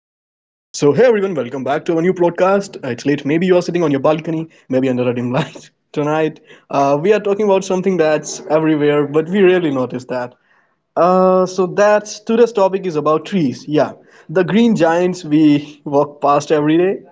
back to our new broadcast. It's late, maybe you are sitting on your balcony, maybe under a dim light. Tonight, we are talking about something that's everywhere, but we rarely notice that. So, that's today's topic is about trees. Yeah, the green giants we walk past every day.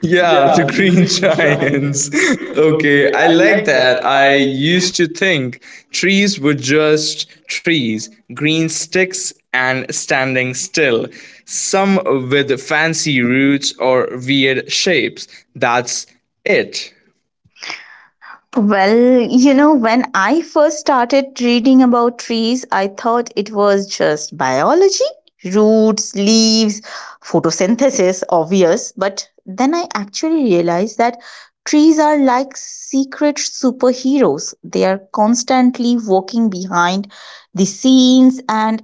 Yeah, Yeah, the the green Green giants. Giants. Okay, Okay, I I like like that. that. I I used to think trees were just trees, green sticks and standing still, some with fancy roots or weird shapes. That's it. When I first started reading about trees, I thought it was just biology, roots, leaves, photosynthesis, obvious. But then I actually realized that trees are like secret superheroes. They are constantly walking behind the scenes and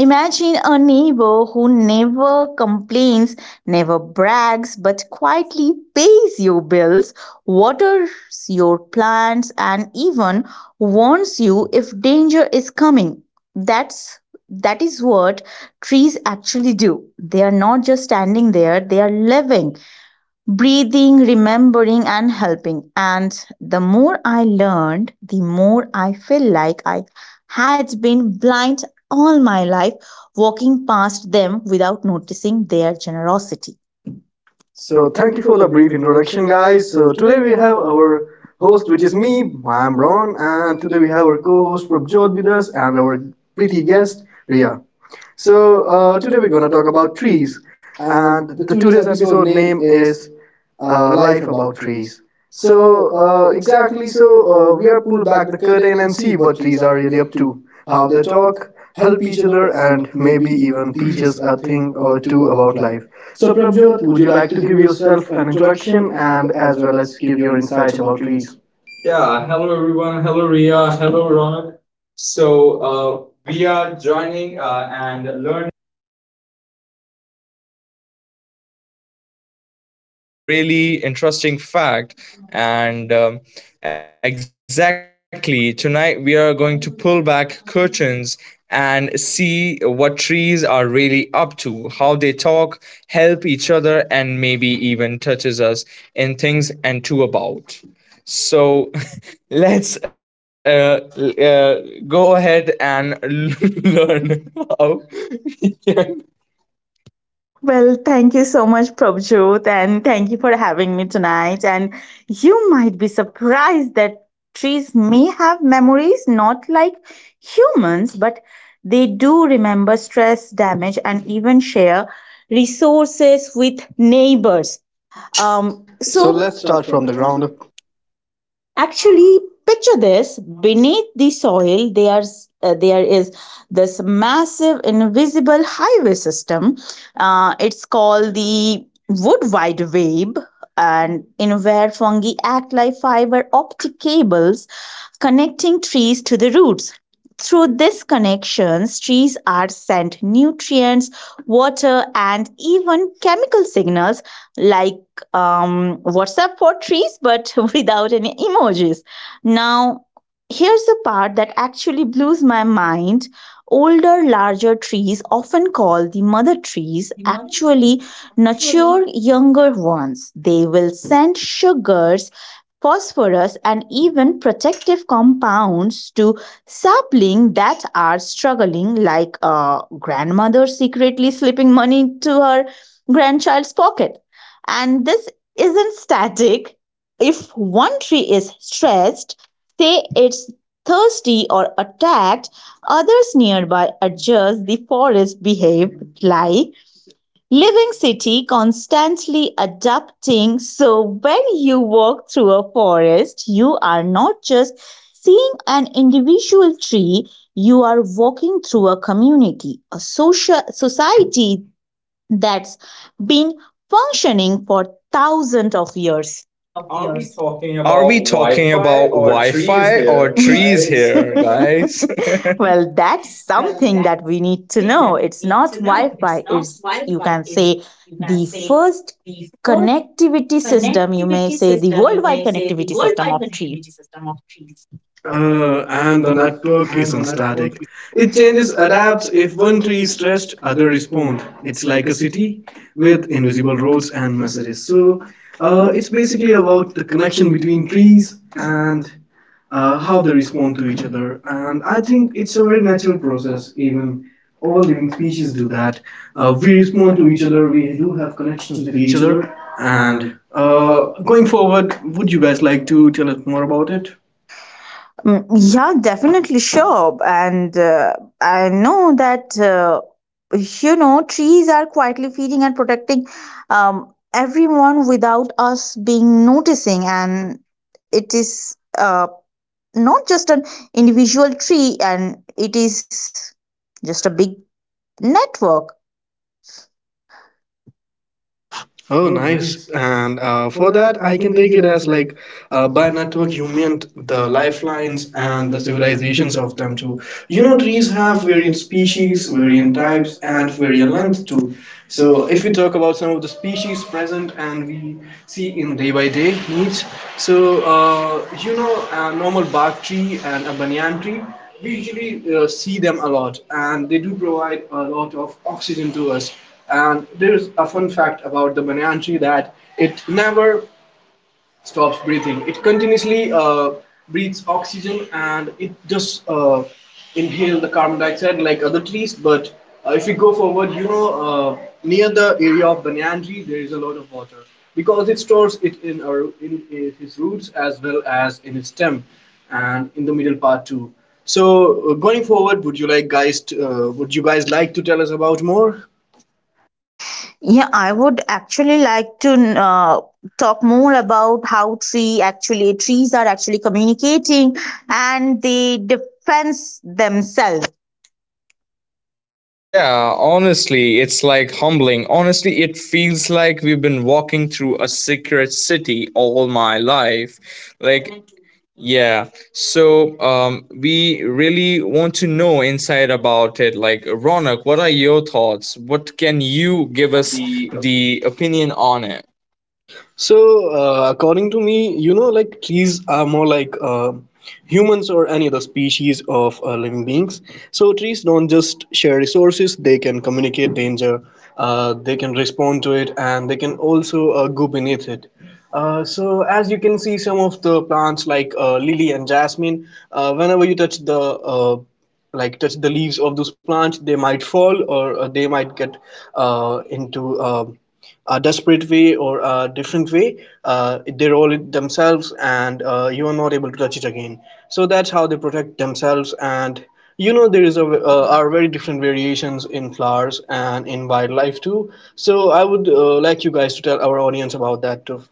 imagine a neighbor who never complains, never brags, but quietly pays your bills, waters your plants, and even warns you if danger is coming. That's that is what trees actually do. They are not just standing there, they are living, breathing, remembering, and helping. And the more I learned, the more I feel like I had been blind all my life, walking past them without noticing their generosity. so thank you for the brief introduction, guys. So today we have our host, which is me. I'm Ron, and today we have our co-host Prabjot with us and our pretty guest Ria. So today we're gonna talk about trees, and the today's episode name is "Life About Trees." So exactly, so we are pull back the curtain and see what trees are really up to, how they talk, help each other, and maybe even teach us a thing or two about life. So Prabjot, would you like to give yourself an introduction and as well as give your insights about trees? Yeah, hello everyone. Hello Ria. Hello Ronak. So uh, we are joining and learn. And a really interesting fact. And Exactly, tonight we are going to pull back curtains and see what trees are really up to, how they talk, help each other, and maybe even touches us in things and too about. So let's go ahead and learn how. Well, thank you so much, Prabhjot, and thank you for having me tonight. And you might be surprised that trees may have memories, not like humans, but they do remember stress, damage, and even share resources with neighbors. Um, So so, let's start from the ground up. actually picture this: beneath the soil there is this massive invisible highway system, it's called the wood wide web, and in where fungi act like fiber optic cables connecting trees to the roots. Through these connections trees are sent nutrients, water, and even chemical signals, like WhatsApp for trees, but without any emojis. Now, here's the part that actually blows my mind. Older, larger trees, often called the mother trees, actually nurture younger ones. They will send sugars, phosphorus, and even protective compounds to saplings that are struggling, like a grandmother secretly slipping money into her grandchild's pocket. And this isn't static. If one tree is stressed, say it's thirsty or attacked, others nearby adjust. The forest behave like living city, constantly adapting. So when you walk through a forest you are not just seeing an individual tree, you are walking through a community, a social society that's been functioning for thousands of years. Are we talking about Are we Wi talking Fi or about Wi trees Fi here, or trees guys? here, guys? Well, that's something that we need to know. It's not Wi Fi, it's, you can say, the first connectivity system. You may say the worldwide connectivity system of trees. And the network isn't static. It changes, adapts. If one tree is stressed, other respond. It's like a city with invisible roads and messages. So it's basically about the connection between trees and how they respond to each other. And I think it's a very natural process. Even all living species do that. We respond to each other. We do have connections with each other. And going forward, would you guys like to tell us more about it? Mm, yeah, definitely sure. And I know that, trees are quietly feeding and protecting everyone without us being noticing. And it is not just an individual tree, and it is just a big network. Oh, nice. And for that, I can take it as like by network, you meant the lifelines and the civilizations of them too. You know, trees have variant species, variant types, and variant length too. So, if we talk about some of the species present and we see in day by day needs, so you know, a normal bark tree and a banyan tree, we usually see them a lot, and they do provide a lot of oxygen to us, and there's a fun fact about the banyan tree that it never stops breathing. It continuously breathes oxygen and it just inhale the carbon dioxide like other trees. But if you go forward, you know, near the area of banyan tree, there is a lot of water because it stores it in, our, in his roots as well as in his stem and in the middle part too. So going forward, would you like guys? To, would you guys like to tell us about more? Yeah, I would actually like to talk more about how trees are actually communicating and they defense themselves. Yeah, honestly, it's like humbling. Honestly, it feels like we've been walking through a secret city all my life. Like, yeah. So we really want to know inside about it. Like, Ronak, what are your thoughts? What can you give us The the opinion on it? so, according to me, you know, like trees are more like humans or any other species of living beings. So, trees don't just share resources, they can communicate danger, they can respond to it, and they can also go beneath it. So, as you can see, some of the plants like lily and jasmine, whenever you touch the like touch the leaves of those plants, they might fall or they might get into a desperate way or a different way, they roll it themselves and you are not able to touch it again. So that's how they protect themselves. And you know there is a are very different variations in flowers and in wildlife too, so I would like you guys to tell our audience about that too.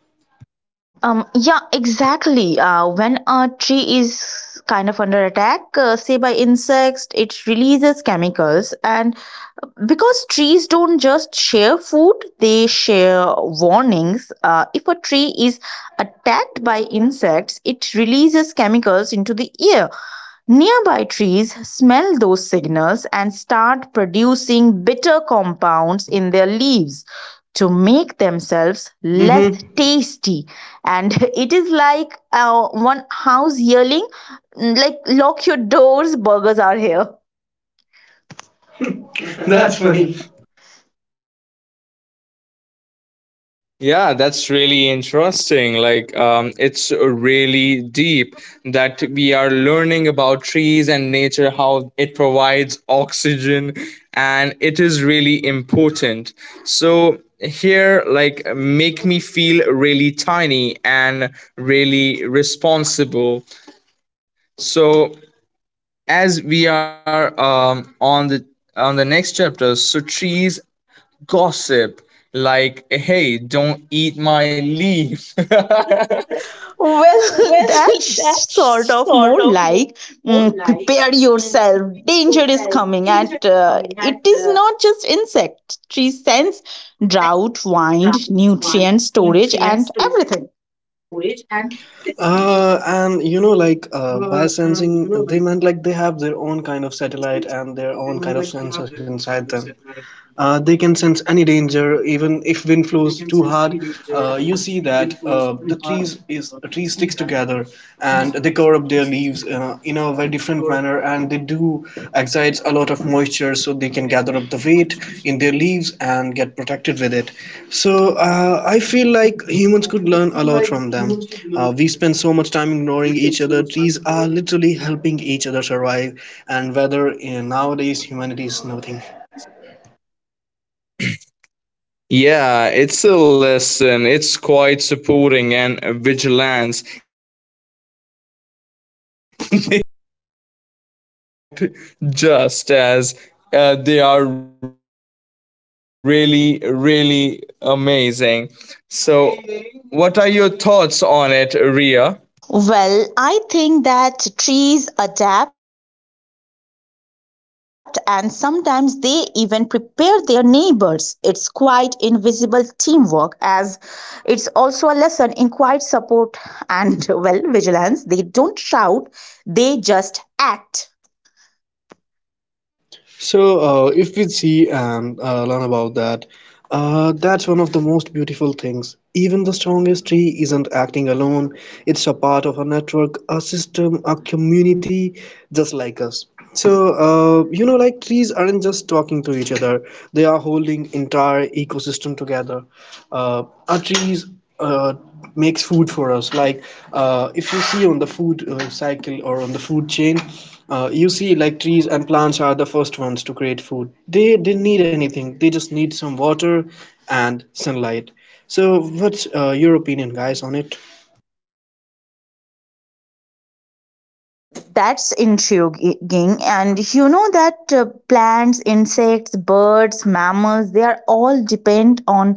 Yeah, exactly. When a tree is kind of under attack, say by insects, it releases chemicals. And because trees don't just share food, they share warnings. If a tree is attacked by insects, it releases chemicals into the air. Nearby trees smell those signals and start producing bitter compounds in their leaves to make themselves less Mm-hmm. tasty. And it is like one house yelling, like, lock your doors, burgers are here. That's funny. Yeah, that's really interesting. Like, it's really deep that we are learning about trees and nature, how it provides oxygen, and it is really important. So, here, like, make me feel really tiny and really responsible. So, as we are on the next chapter, so trees gossip like, hey, don't eat my leaf. Well, that sort of more like, prepare yourself, danger is coming. And it is not just insect, tree sense drought, wind, nutrient storage, and everything. And you know, like biosensing, they meant like they have their own kind of satellite and their own kind of sensors inside them. They can sense any danger, even if wind blows too hard. You see that the trees is tree sticks together, and they cover up their leaves in a very different manner, and they do exudes a lot of moisture, so they can gather up the weight in their leaves and get protected with it. So I feel like humans could learn a lot from them. We spend so much time ignoring each other. Trees are literally helping each other survive, and whether nowadays humanity is nothing. Yeah, it's a lesson. It's quite supporting and vigilance. They don't stop. They act just as they are really, really amazing. So, what are your thoughts on it, Ria? Well, I think that trees adapt and sometimes they even prepare their neighbors. It's quite invisible teamwork, as it's also a lesson in quiet support and, well, vigilance. They don't shout, they just act. So, if we see and learn about that, that's one of the most beautiful things. Even the strongest tree isn't acting alone, it's a part of a network, a system, a community, just like us. So, you know, like trees aren't just talking to each other, they are holding entire ecosystem together. Our trees uh, makes food for us. Like if you see on the food cycle or on the food chain, you see like trees and plants are the first ones to create food. They didn't need anything. They just need some water and sunlight. So what's your opinion, guys, on it? That's intriguing. And you know that plants, insects, birds, mammals, they are all depend on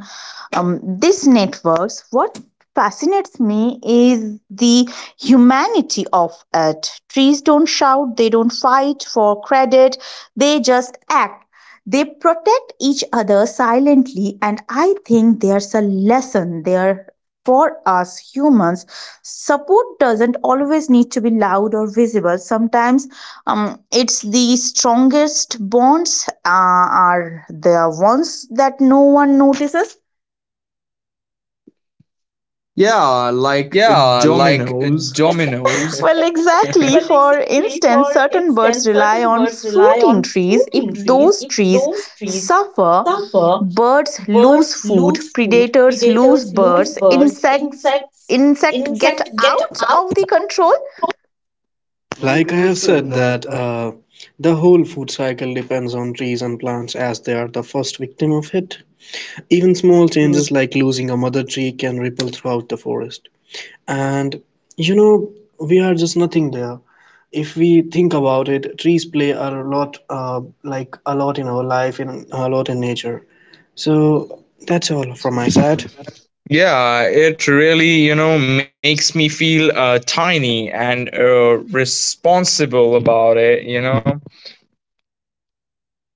these networks. What fascinates me is the humanity of it. Trees don't shout, they don't fight for credit, they just act. They protect each other silently, and I think there's a lesson there for us humans. Support doesn't always need to be loud or visible. Sometimes it's the strongest bonds are the ones that no one notices. Yeah, Yeah, like like dominoes. dominoes. Well, exactly. For instance, certain birds rely on fruiting trees. If those trees suffer, birds lose food, predators lose birds, insect get out of the control. Like I have said that the whole food cycle depends on trees and plants as they are the first victim of it. Even small changes like losing a mother tree can ripple throughout the forest. And you know, we are just nothing there. If we think about it, trees play a lot a lot in our life, in a lot in nature. So that's all from my side. Yeah, it really, you know, makes me feel tiny and responsible about it, you know.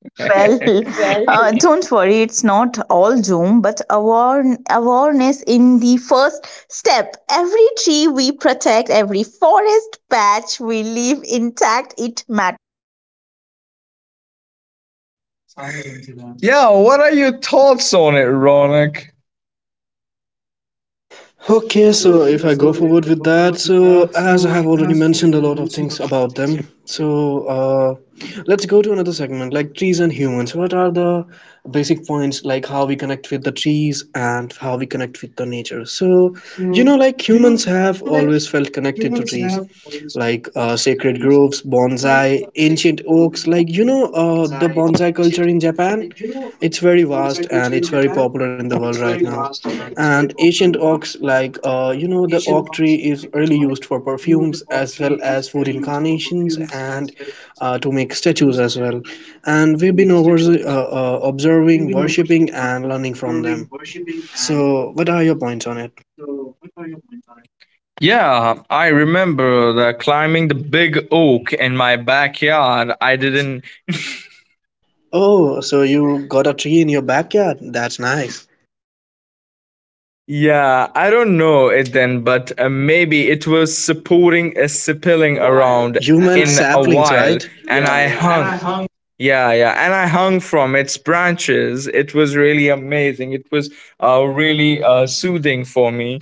Well, don't worry, it's not all doom, but awareness in the first step. Every tree we protect, every forest patch we leave intact, it matters. Yeah, what are your thoughts on it, Ronak? Okay, so if I go forward with that, so as I have already mentioned a lot of things about them, so let's go to another segment like trees and humans. What are the basic points like how we connect with the trees and how we connect with the nature? So, you know, like humans have always felt connected to trees, like sacred groves, bonsai, ancient oaks, like you know, the bonsai culture in Japan, it's very vast and it's very popular in the world right now, and ancient oaks like you know, the oak tree is really used for perfumes as well as food incarnations and to make statues as well. And we've been over, observing, worshipping, and learning from them. So what are your points on it? Yeah, I remember that climbing the big oak in my backyard, I didn't Oh, so you got a tree in your backyard, that's nice. yeah, I don't know it then, but maybe it was supporting a In a spilling while. around You and meant I in a saplings while, right, and yeah, I yeah, and I hung. hung. Yeah, yeah, and I hung from its branches. It was really amazing. It was really soothing for me.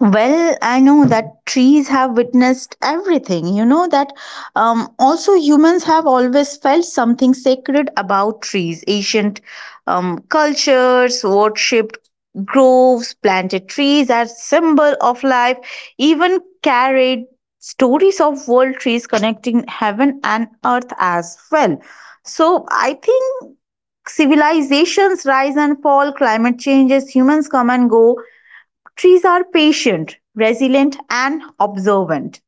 Well, I know that trees have witnessed everything. You know that also humans have always felt something sacred about trees. Ancient cultures worshipped groves, planted trees as symbol of life, even carried stories of world trees connecting heaven and earth as well. So I think civilizations rise and fall, climate changes, humans come and go. Trees are patient, resilient, and observant.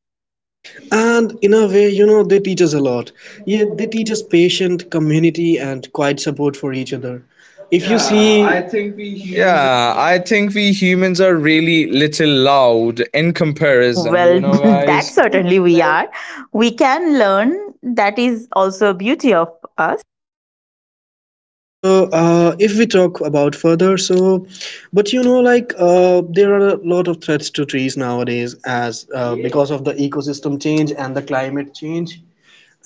And in a way, you know, they teach us a lot. Yeah, they teach us patience, community, and quiet support for each other. If you, yeah, see, I think we humans. Yeah, I think we humans are really little loud in comparison, you Well, know, that guys. certainly we are. We can learn. That is also a beauty of us. So if we talk about further, so, but you know, like there are a lot of threats to trees nowadays, as yeah, because of the ecosystem change and the climate change.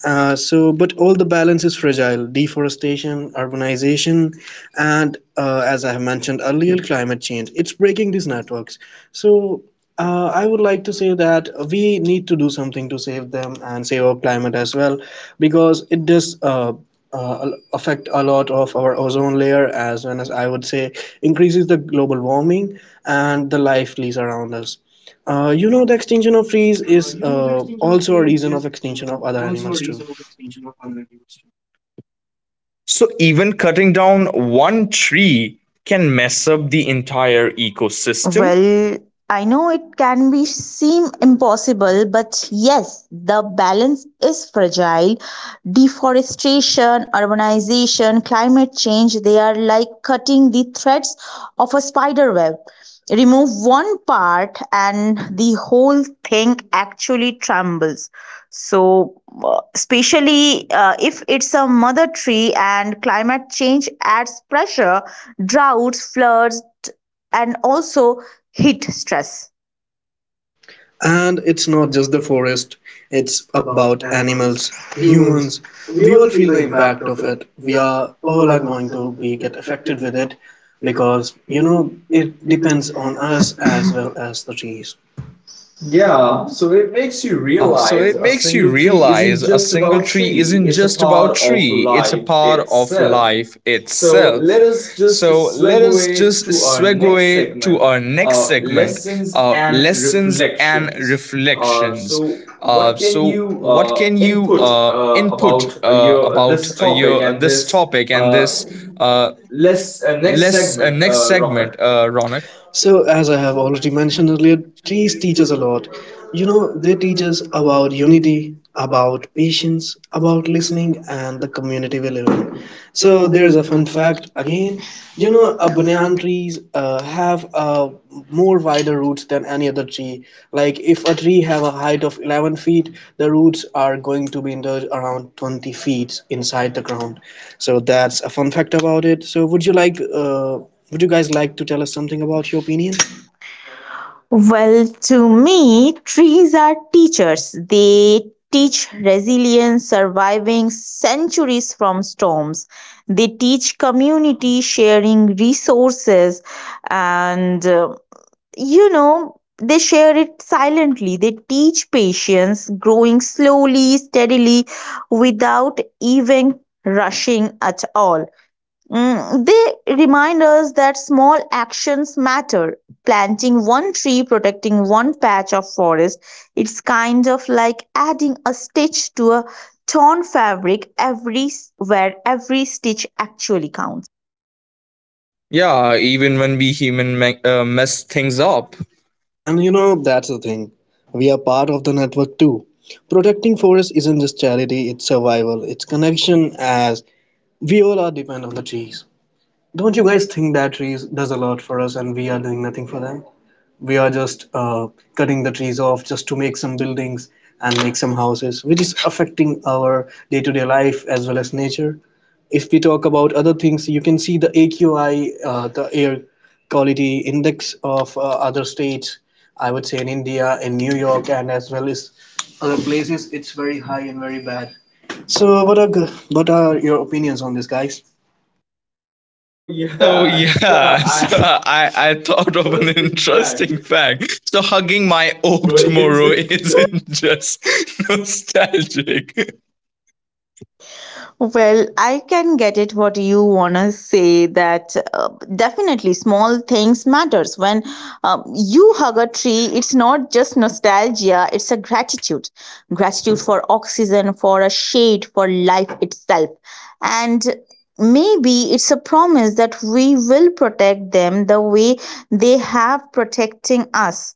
So, but all the balance is fragile: deforestation, urbanization, and as I have mentioned earlier, climate change. It's breaking these networks. So, I would like to say that we need to do something to save them and save our climate as well, because it does. Affect a lot of our ozone layer, as well as I would say, increases the global warming and the life leaves around us. You know, the extinction of trees is also a reason of extinction of other animals too. So even cutting down one tree can mess up the entire ecosystem. Well, I know it can be seem impossible, but yes, the balance is fragile. Deforestation, urbanization, climate change, they are like cutting the threads of a spider web. Remove one part and the whole thing actually trembles. So, especially if it's a mother tree and climate change adds pressure, droughts, floods, and also heat stress. And it's not just the forest, it's about animals, humans. We all feel the impact of it. We are all are going to be get affected with it because you know it depends on us as well as the trees. Yeah, Yeah, so it makes you realize a single single tree isn't just about tree, it's a part part of of life. life itself. So So let let us us just just swag segue to our next segment, uh, lessons and and reflections. So what can you uh, input input about your your this topic and this uh, uh, less less next next segment, segment, Ronak? Ronak. So, as I have already mentioned earlier, trees teach us a lot. You know, they teach us about unity, about patience, about listening, and the community we live in. So, there's a fun fact again. You know, a banyan trees have more wider roots than any other tree. Like, if a tree have a height of 11 feet, the roots are going to be in the around 20 feet inside the ground. So, that's a fun fact about it. So, would you like would you guys like to tell us something about your opinion? Well, to me, trees are teachers. They teach resilience, surviving centuries from storms. They teach community sharing resources and, they share it silently. They teach patience, growing slowly, steadily, without even rushing at all. Mm, they remind us that small actions matter. Planting one tree, protecting one patch of forest, it's kind of like adding a stitch to a torn fabric. Every where every stitch actually counts. Yeah, even when we mess things up. And you know, that's the thing. We are part of the network too. Protecting forest isn't just charity, it's survival, it's connection, as we all are depend on the trees. Don't you guys think that trees does a lot for us and we are doing nothing for them? We are just cutting the trees off just to make some buildings and make some houses, which is affecting our day to day life as well as nature. If we talk about other things, you can see the AQI, the air quality index of other states, I would say in India, in New York, and as well as other places, it's very high and very bad. So, what are your opinions on this, guys? Oh yeah, so I'm I thought of an just back interesting fact. So hugging my oak tomorrow. It is tomorrow the isn't just nostalgic. well, I can get it what you wanna say that definitely small things matters. When you hug a tree, it's not just nostalgia, it's a gratitude. Gratitude for oxygen, for a shade, for life itself. And maybe it's a promise that we will protect them the way they have protecting us.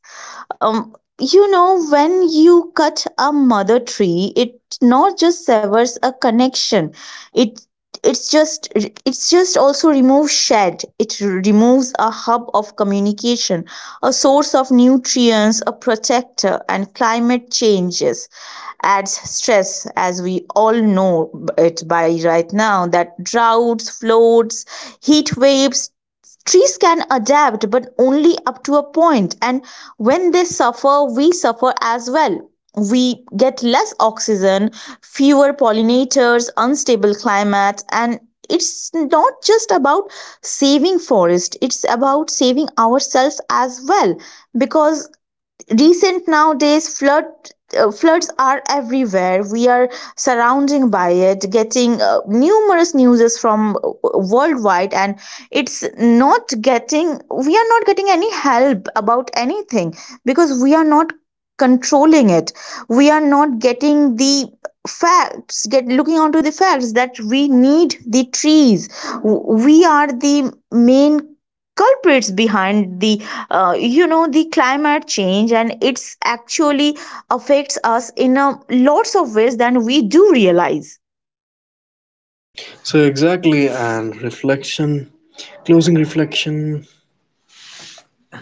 Um, you know, when you cut a mother tree, it not just severs a connection, it it's just also removes shed, it removes a hub of communication, a source of nutrients, a protector. And climate changes adds stress, as we all know it by right now, that droughts, floods, heat waves. Trees can adapt, but only up to a point. And when they suffer, we suffer as well. We get less oxygen, fewer pollinators, unstable climate, and it's not just about saving forest, it's about saving ourselves as well. Because recent nowadays floods are everywhere, we are surrounding by it, getting numerous newses from worldwide. And it's not getting we are not getting any help about anything, because we are not controlling it. We are not getting the facts, get looking onto the facts that we need the trees. We are the main culprits behind the, the climate change. And it's actually affects us in a lots of ways than we do realize So exactly, and reflection, closing reflection.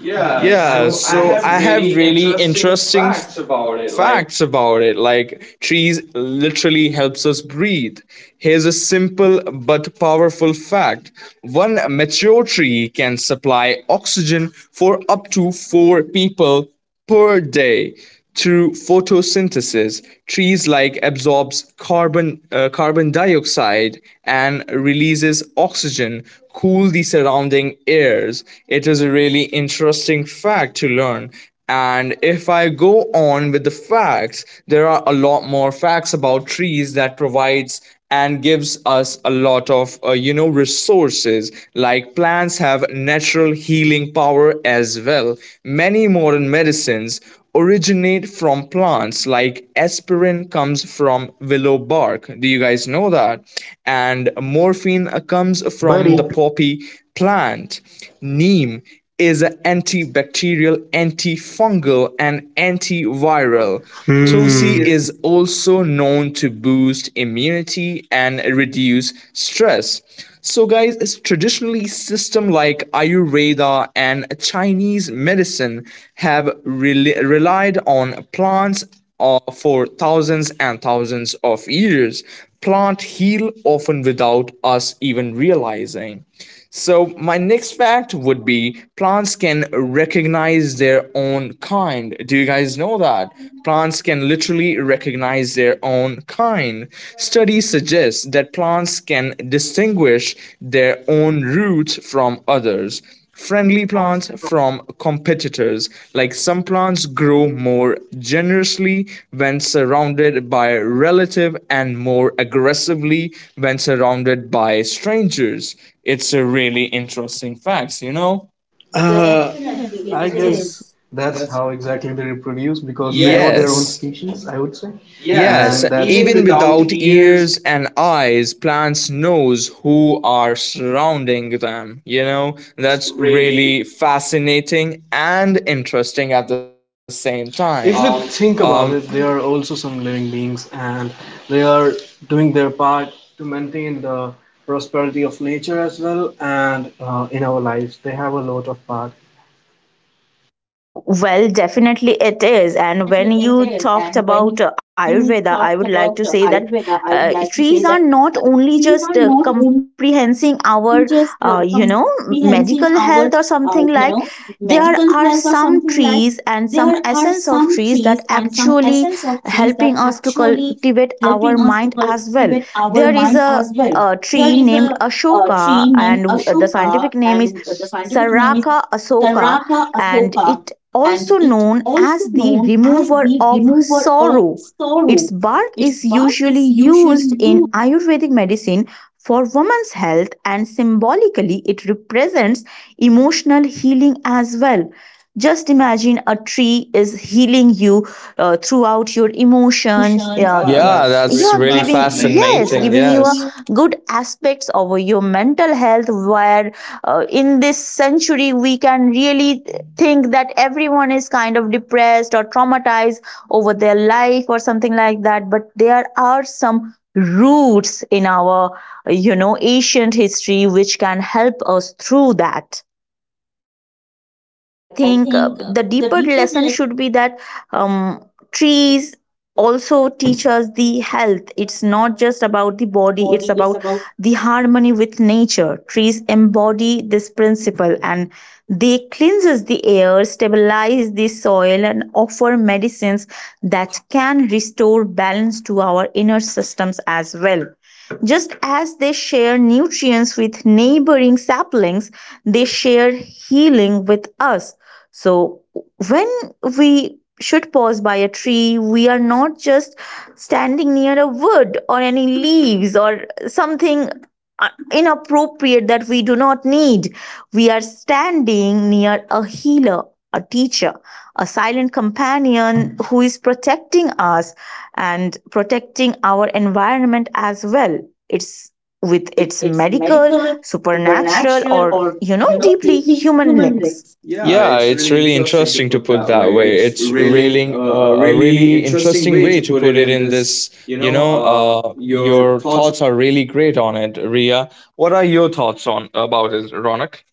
Yeah, I so Yeah, would I say- so have I have really really interesting interesting facts facts about it. about Like, it. Like, trees literally helps us breathe. Here's a simple but powerful fact. One mature tree can supply oxygen for up to 4 people per day. Through photosynthesis, trees like absorbs carbon dioxide and releases oxygen, cool the surrounding airs. It is a really interesting fact to learn. And if I go on with the facts, there are a lot more facts about trees that provides and gives us a lot of you know, resources. Like, plants have natural healing power as well. Many modern medicines originate from plants. Like, aspirin comes from willow bark, do you guys know that? And morphine from, comes yeah, from the buddy. poppy plant. Neem is an antibacterial, antifungal, and Oral. antiviral. Hmm. Tulsi Tulsi is is also known to boost immunity and reduce stress. So, guys, it's traditionally system like Ayurveda and Chinese medicine have relied on plants for thousands and thousands of years. Plant heal often without us even realizing. So my next fact would be plants can recognize their own kind. Do you guys know that? Plants can literally recognize their own kind. Studies suggest that plants can distinguish their own roots from others, currently friendly cons- plants from competitors. Like, some plants grow more generously when surrounded by relative and more aggressively when surrounded by strangers. It's a really interesting fact, you know? uh, definitely, it's it is. guess that's how exactly they reproduce because they know their, yes, own, yes, Yes. species. I would say. Yes, Yes, and that's- even even without without ears, ears and eyes, plants knows who are surrounding them, you know? that's That's really, really fascinating and interesting at the same time. if we, um, Um think about it, they are also some living beings and they are doing their part to maintain the prosperity of nature as well, and in our lives. They have a lot of part. Well, definitely it is. And when you talked about Ayurveda, I would like to say that trees are not only just comprehending our, uh, you know, medical health or something like. There are some trees and some essence of trees that actually helping us to cultivate our mind as well. There is a tree named Ashoka, and the scientific name is Saraka Asoka, and it also known as the remover of sorrow. Its bark is usually used in Ayurvedic medicine for women's health, and symbolically, it represents emotional healing as well. Just imagine a tree is healing you throughout your emotions. Yeah, yeah, yeah, that's that's really yeah really really giving fascinating. Yes, fascinating. yes, giving yes you Yes. a good aspects of your mental health, where in this century we can really think that everyone is kind of depressed or traumatized over their life or something like that. But there are some roots in our, you know, ancient history which can help us through that. Well, I think the deeper lesson should be that um, trees also teach us the health. It's not just about the body, it's about the harmony with nature. Trees embody this principle, and they cleanses the air, stabilize the soil, and offer medicines that can restore balance to our inner systems as well. Just as they share nutrients with neighboring saplings, they share healing with us. So when we should pause by a tree, we are not just standing near a wood or any leaves or something inappropriate that we do not need. We are standing near a healer, a teacher, a silent companion who is protecting us and protecting our environment as well. It's with its medical, supernatural, or, you know, deeply human links. Yeah, Yeah, it's it's really really interesting to put that way. It's really really a a really really interesting interesting way to way to put it put it in in this. this, You you know, know, uh, your your thoughts thoughts are really great on it, Ria. What are your thoughts on about it, Ronak?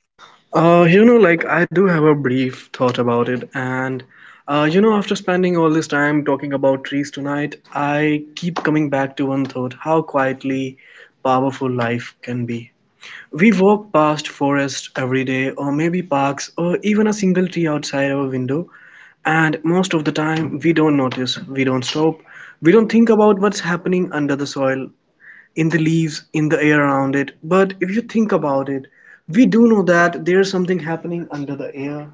You know, like I do have a brief thought about it, and you know, after spending all this time talking about trees tonight, I keep coming back to one thought: how quietly powerful life can be. We walk past forests every day, or maybe parks, or even a single tree outside our window, and most of the time, we don't notice, we don't stop, we don't think about what's happening under the soil, in the leaves, in the air around it. But if you think about it, we do know that there's something happening under the air,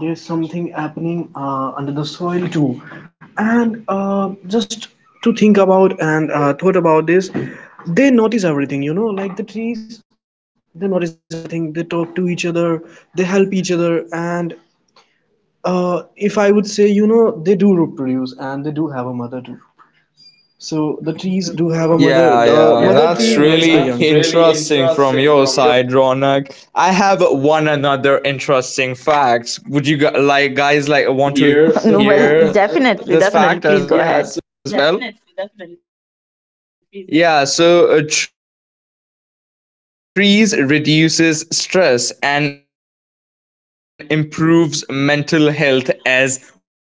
there's something happening under the soil too. And just to think about and thought about this, they notice everything, you know, like the trees, they notice everything, they talk to each other, they help each other, and if I would say, you know, they do reproduce and they do have a mother too. So the trees do have a mother. Yeah, The, yeah, yeah, mother, yeah, tree, that's yeah, nourishes the, really that's, young, really interesting interesting. from your side, Ronak. I have one another interesting to hear. Well fact. as Would you definitely that. like Definitely please go well guys ahead. like want to hear this fact as well? Yeah, so trees reduces stress and improves mental health as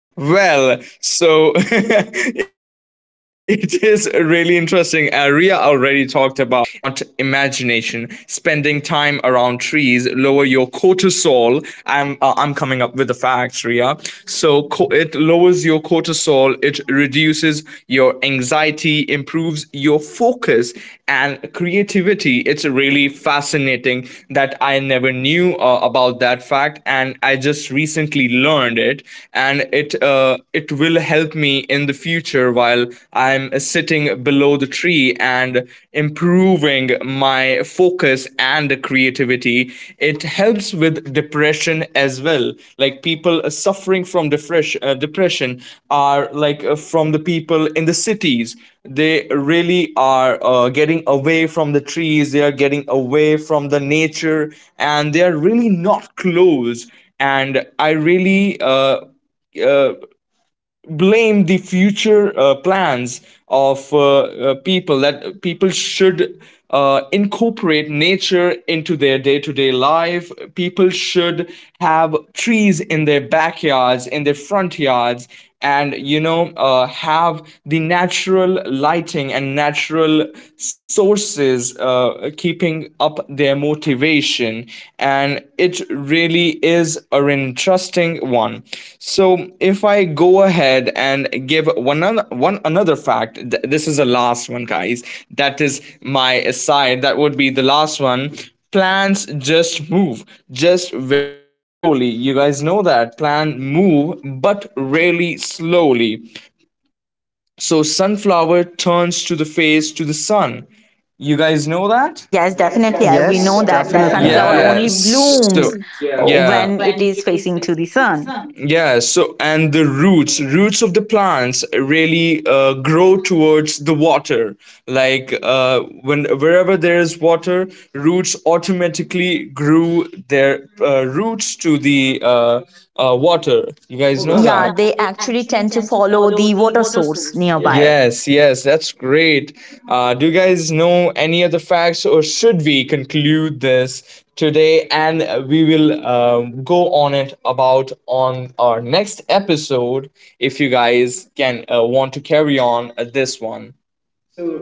well, so it is really interesting. Ria already talked about it, and I have a few facts up my sleeves as well. Ever notice how calm you feel in nature? That's not imagination. Spending time around trees lower your cortisol. I'm coming up with the facts, Ria. So it lowers your cortisol. It reduces your anxiety, improves your focus and creativity. It's really fascinating that I never knew about that fact, and I just recently learned it. And it it will help me in the future while I'm sitting below the tree and improving my focus and creativity. It helps with depression as well. Like, people suffering from depression are like from the people in the cities. They really are getting away from the trees, they are getting away from the nature, and they are really not close. And I really uh, blame the future plans of people. That people should incorporate nature into their day-to-day life. People should have trees in their backyards, in their front yards, and you know, have the natural lighting and natural sources keeping up their motivation. And it really is an interesting one. So if I go ahead and give one another fact, this is the last one, guys, that is my aside, that would be the last one. Plants just move, just very slowly. You guys know that plan move, but really slowly. So sunflower turns to the face to the sun. You guys know that? Yes, yes Yes, definitely. We yes, know definitely, that that, yeah, definitely, yeah, yeah, sunflower yeah. Yeah. only So blooms, yeah, yeah. when it is facing to the sun. Yeah. So and the roots of the plants really grow towards the water. Like, when wherever there is water, roots automatically grew their roots to the water. You Guys guys know that. know Yeah, that. they Yeah. actually tend to follow the water source nearby. Yes, yes, that's great. Do you guys know any other facts, or should we conclude this today? And we will go on it about on our next episode if you guys can want to carry on this one.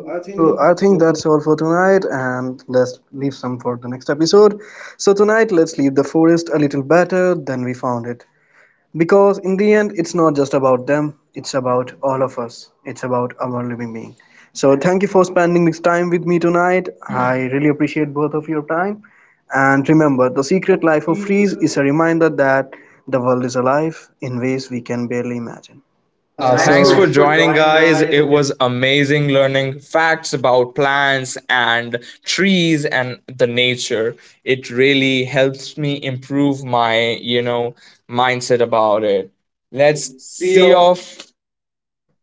So I think that's all for tonight, and let's leave some for the next episode. So tonight, let's leave the forest a little better than we found it. Because in the end, it's not just about them, it's about all of us. It's about our living being. So thank you for spending this time with me tonight. I really appreciate both of your time. And remember, the secret life of trees is a reminder that the world is alive in ways we can barely imagine. Yeah. Yeah, Yeah, Thanks thanks so for. for thanks for joining, joining, guys. It guys. was amazing learning facts about plants and trees and the nature. It really helps me improve my, you know, mindset about it. Let's See see you. off.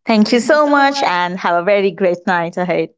Thank you so much and have a very great night ahead.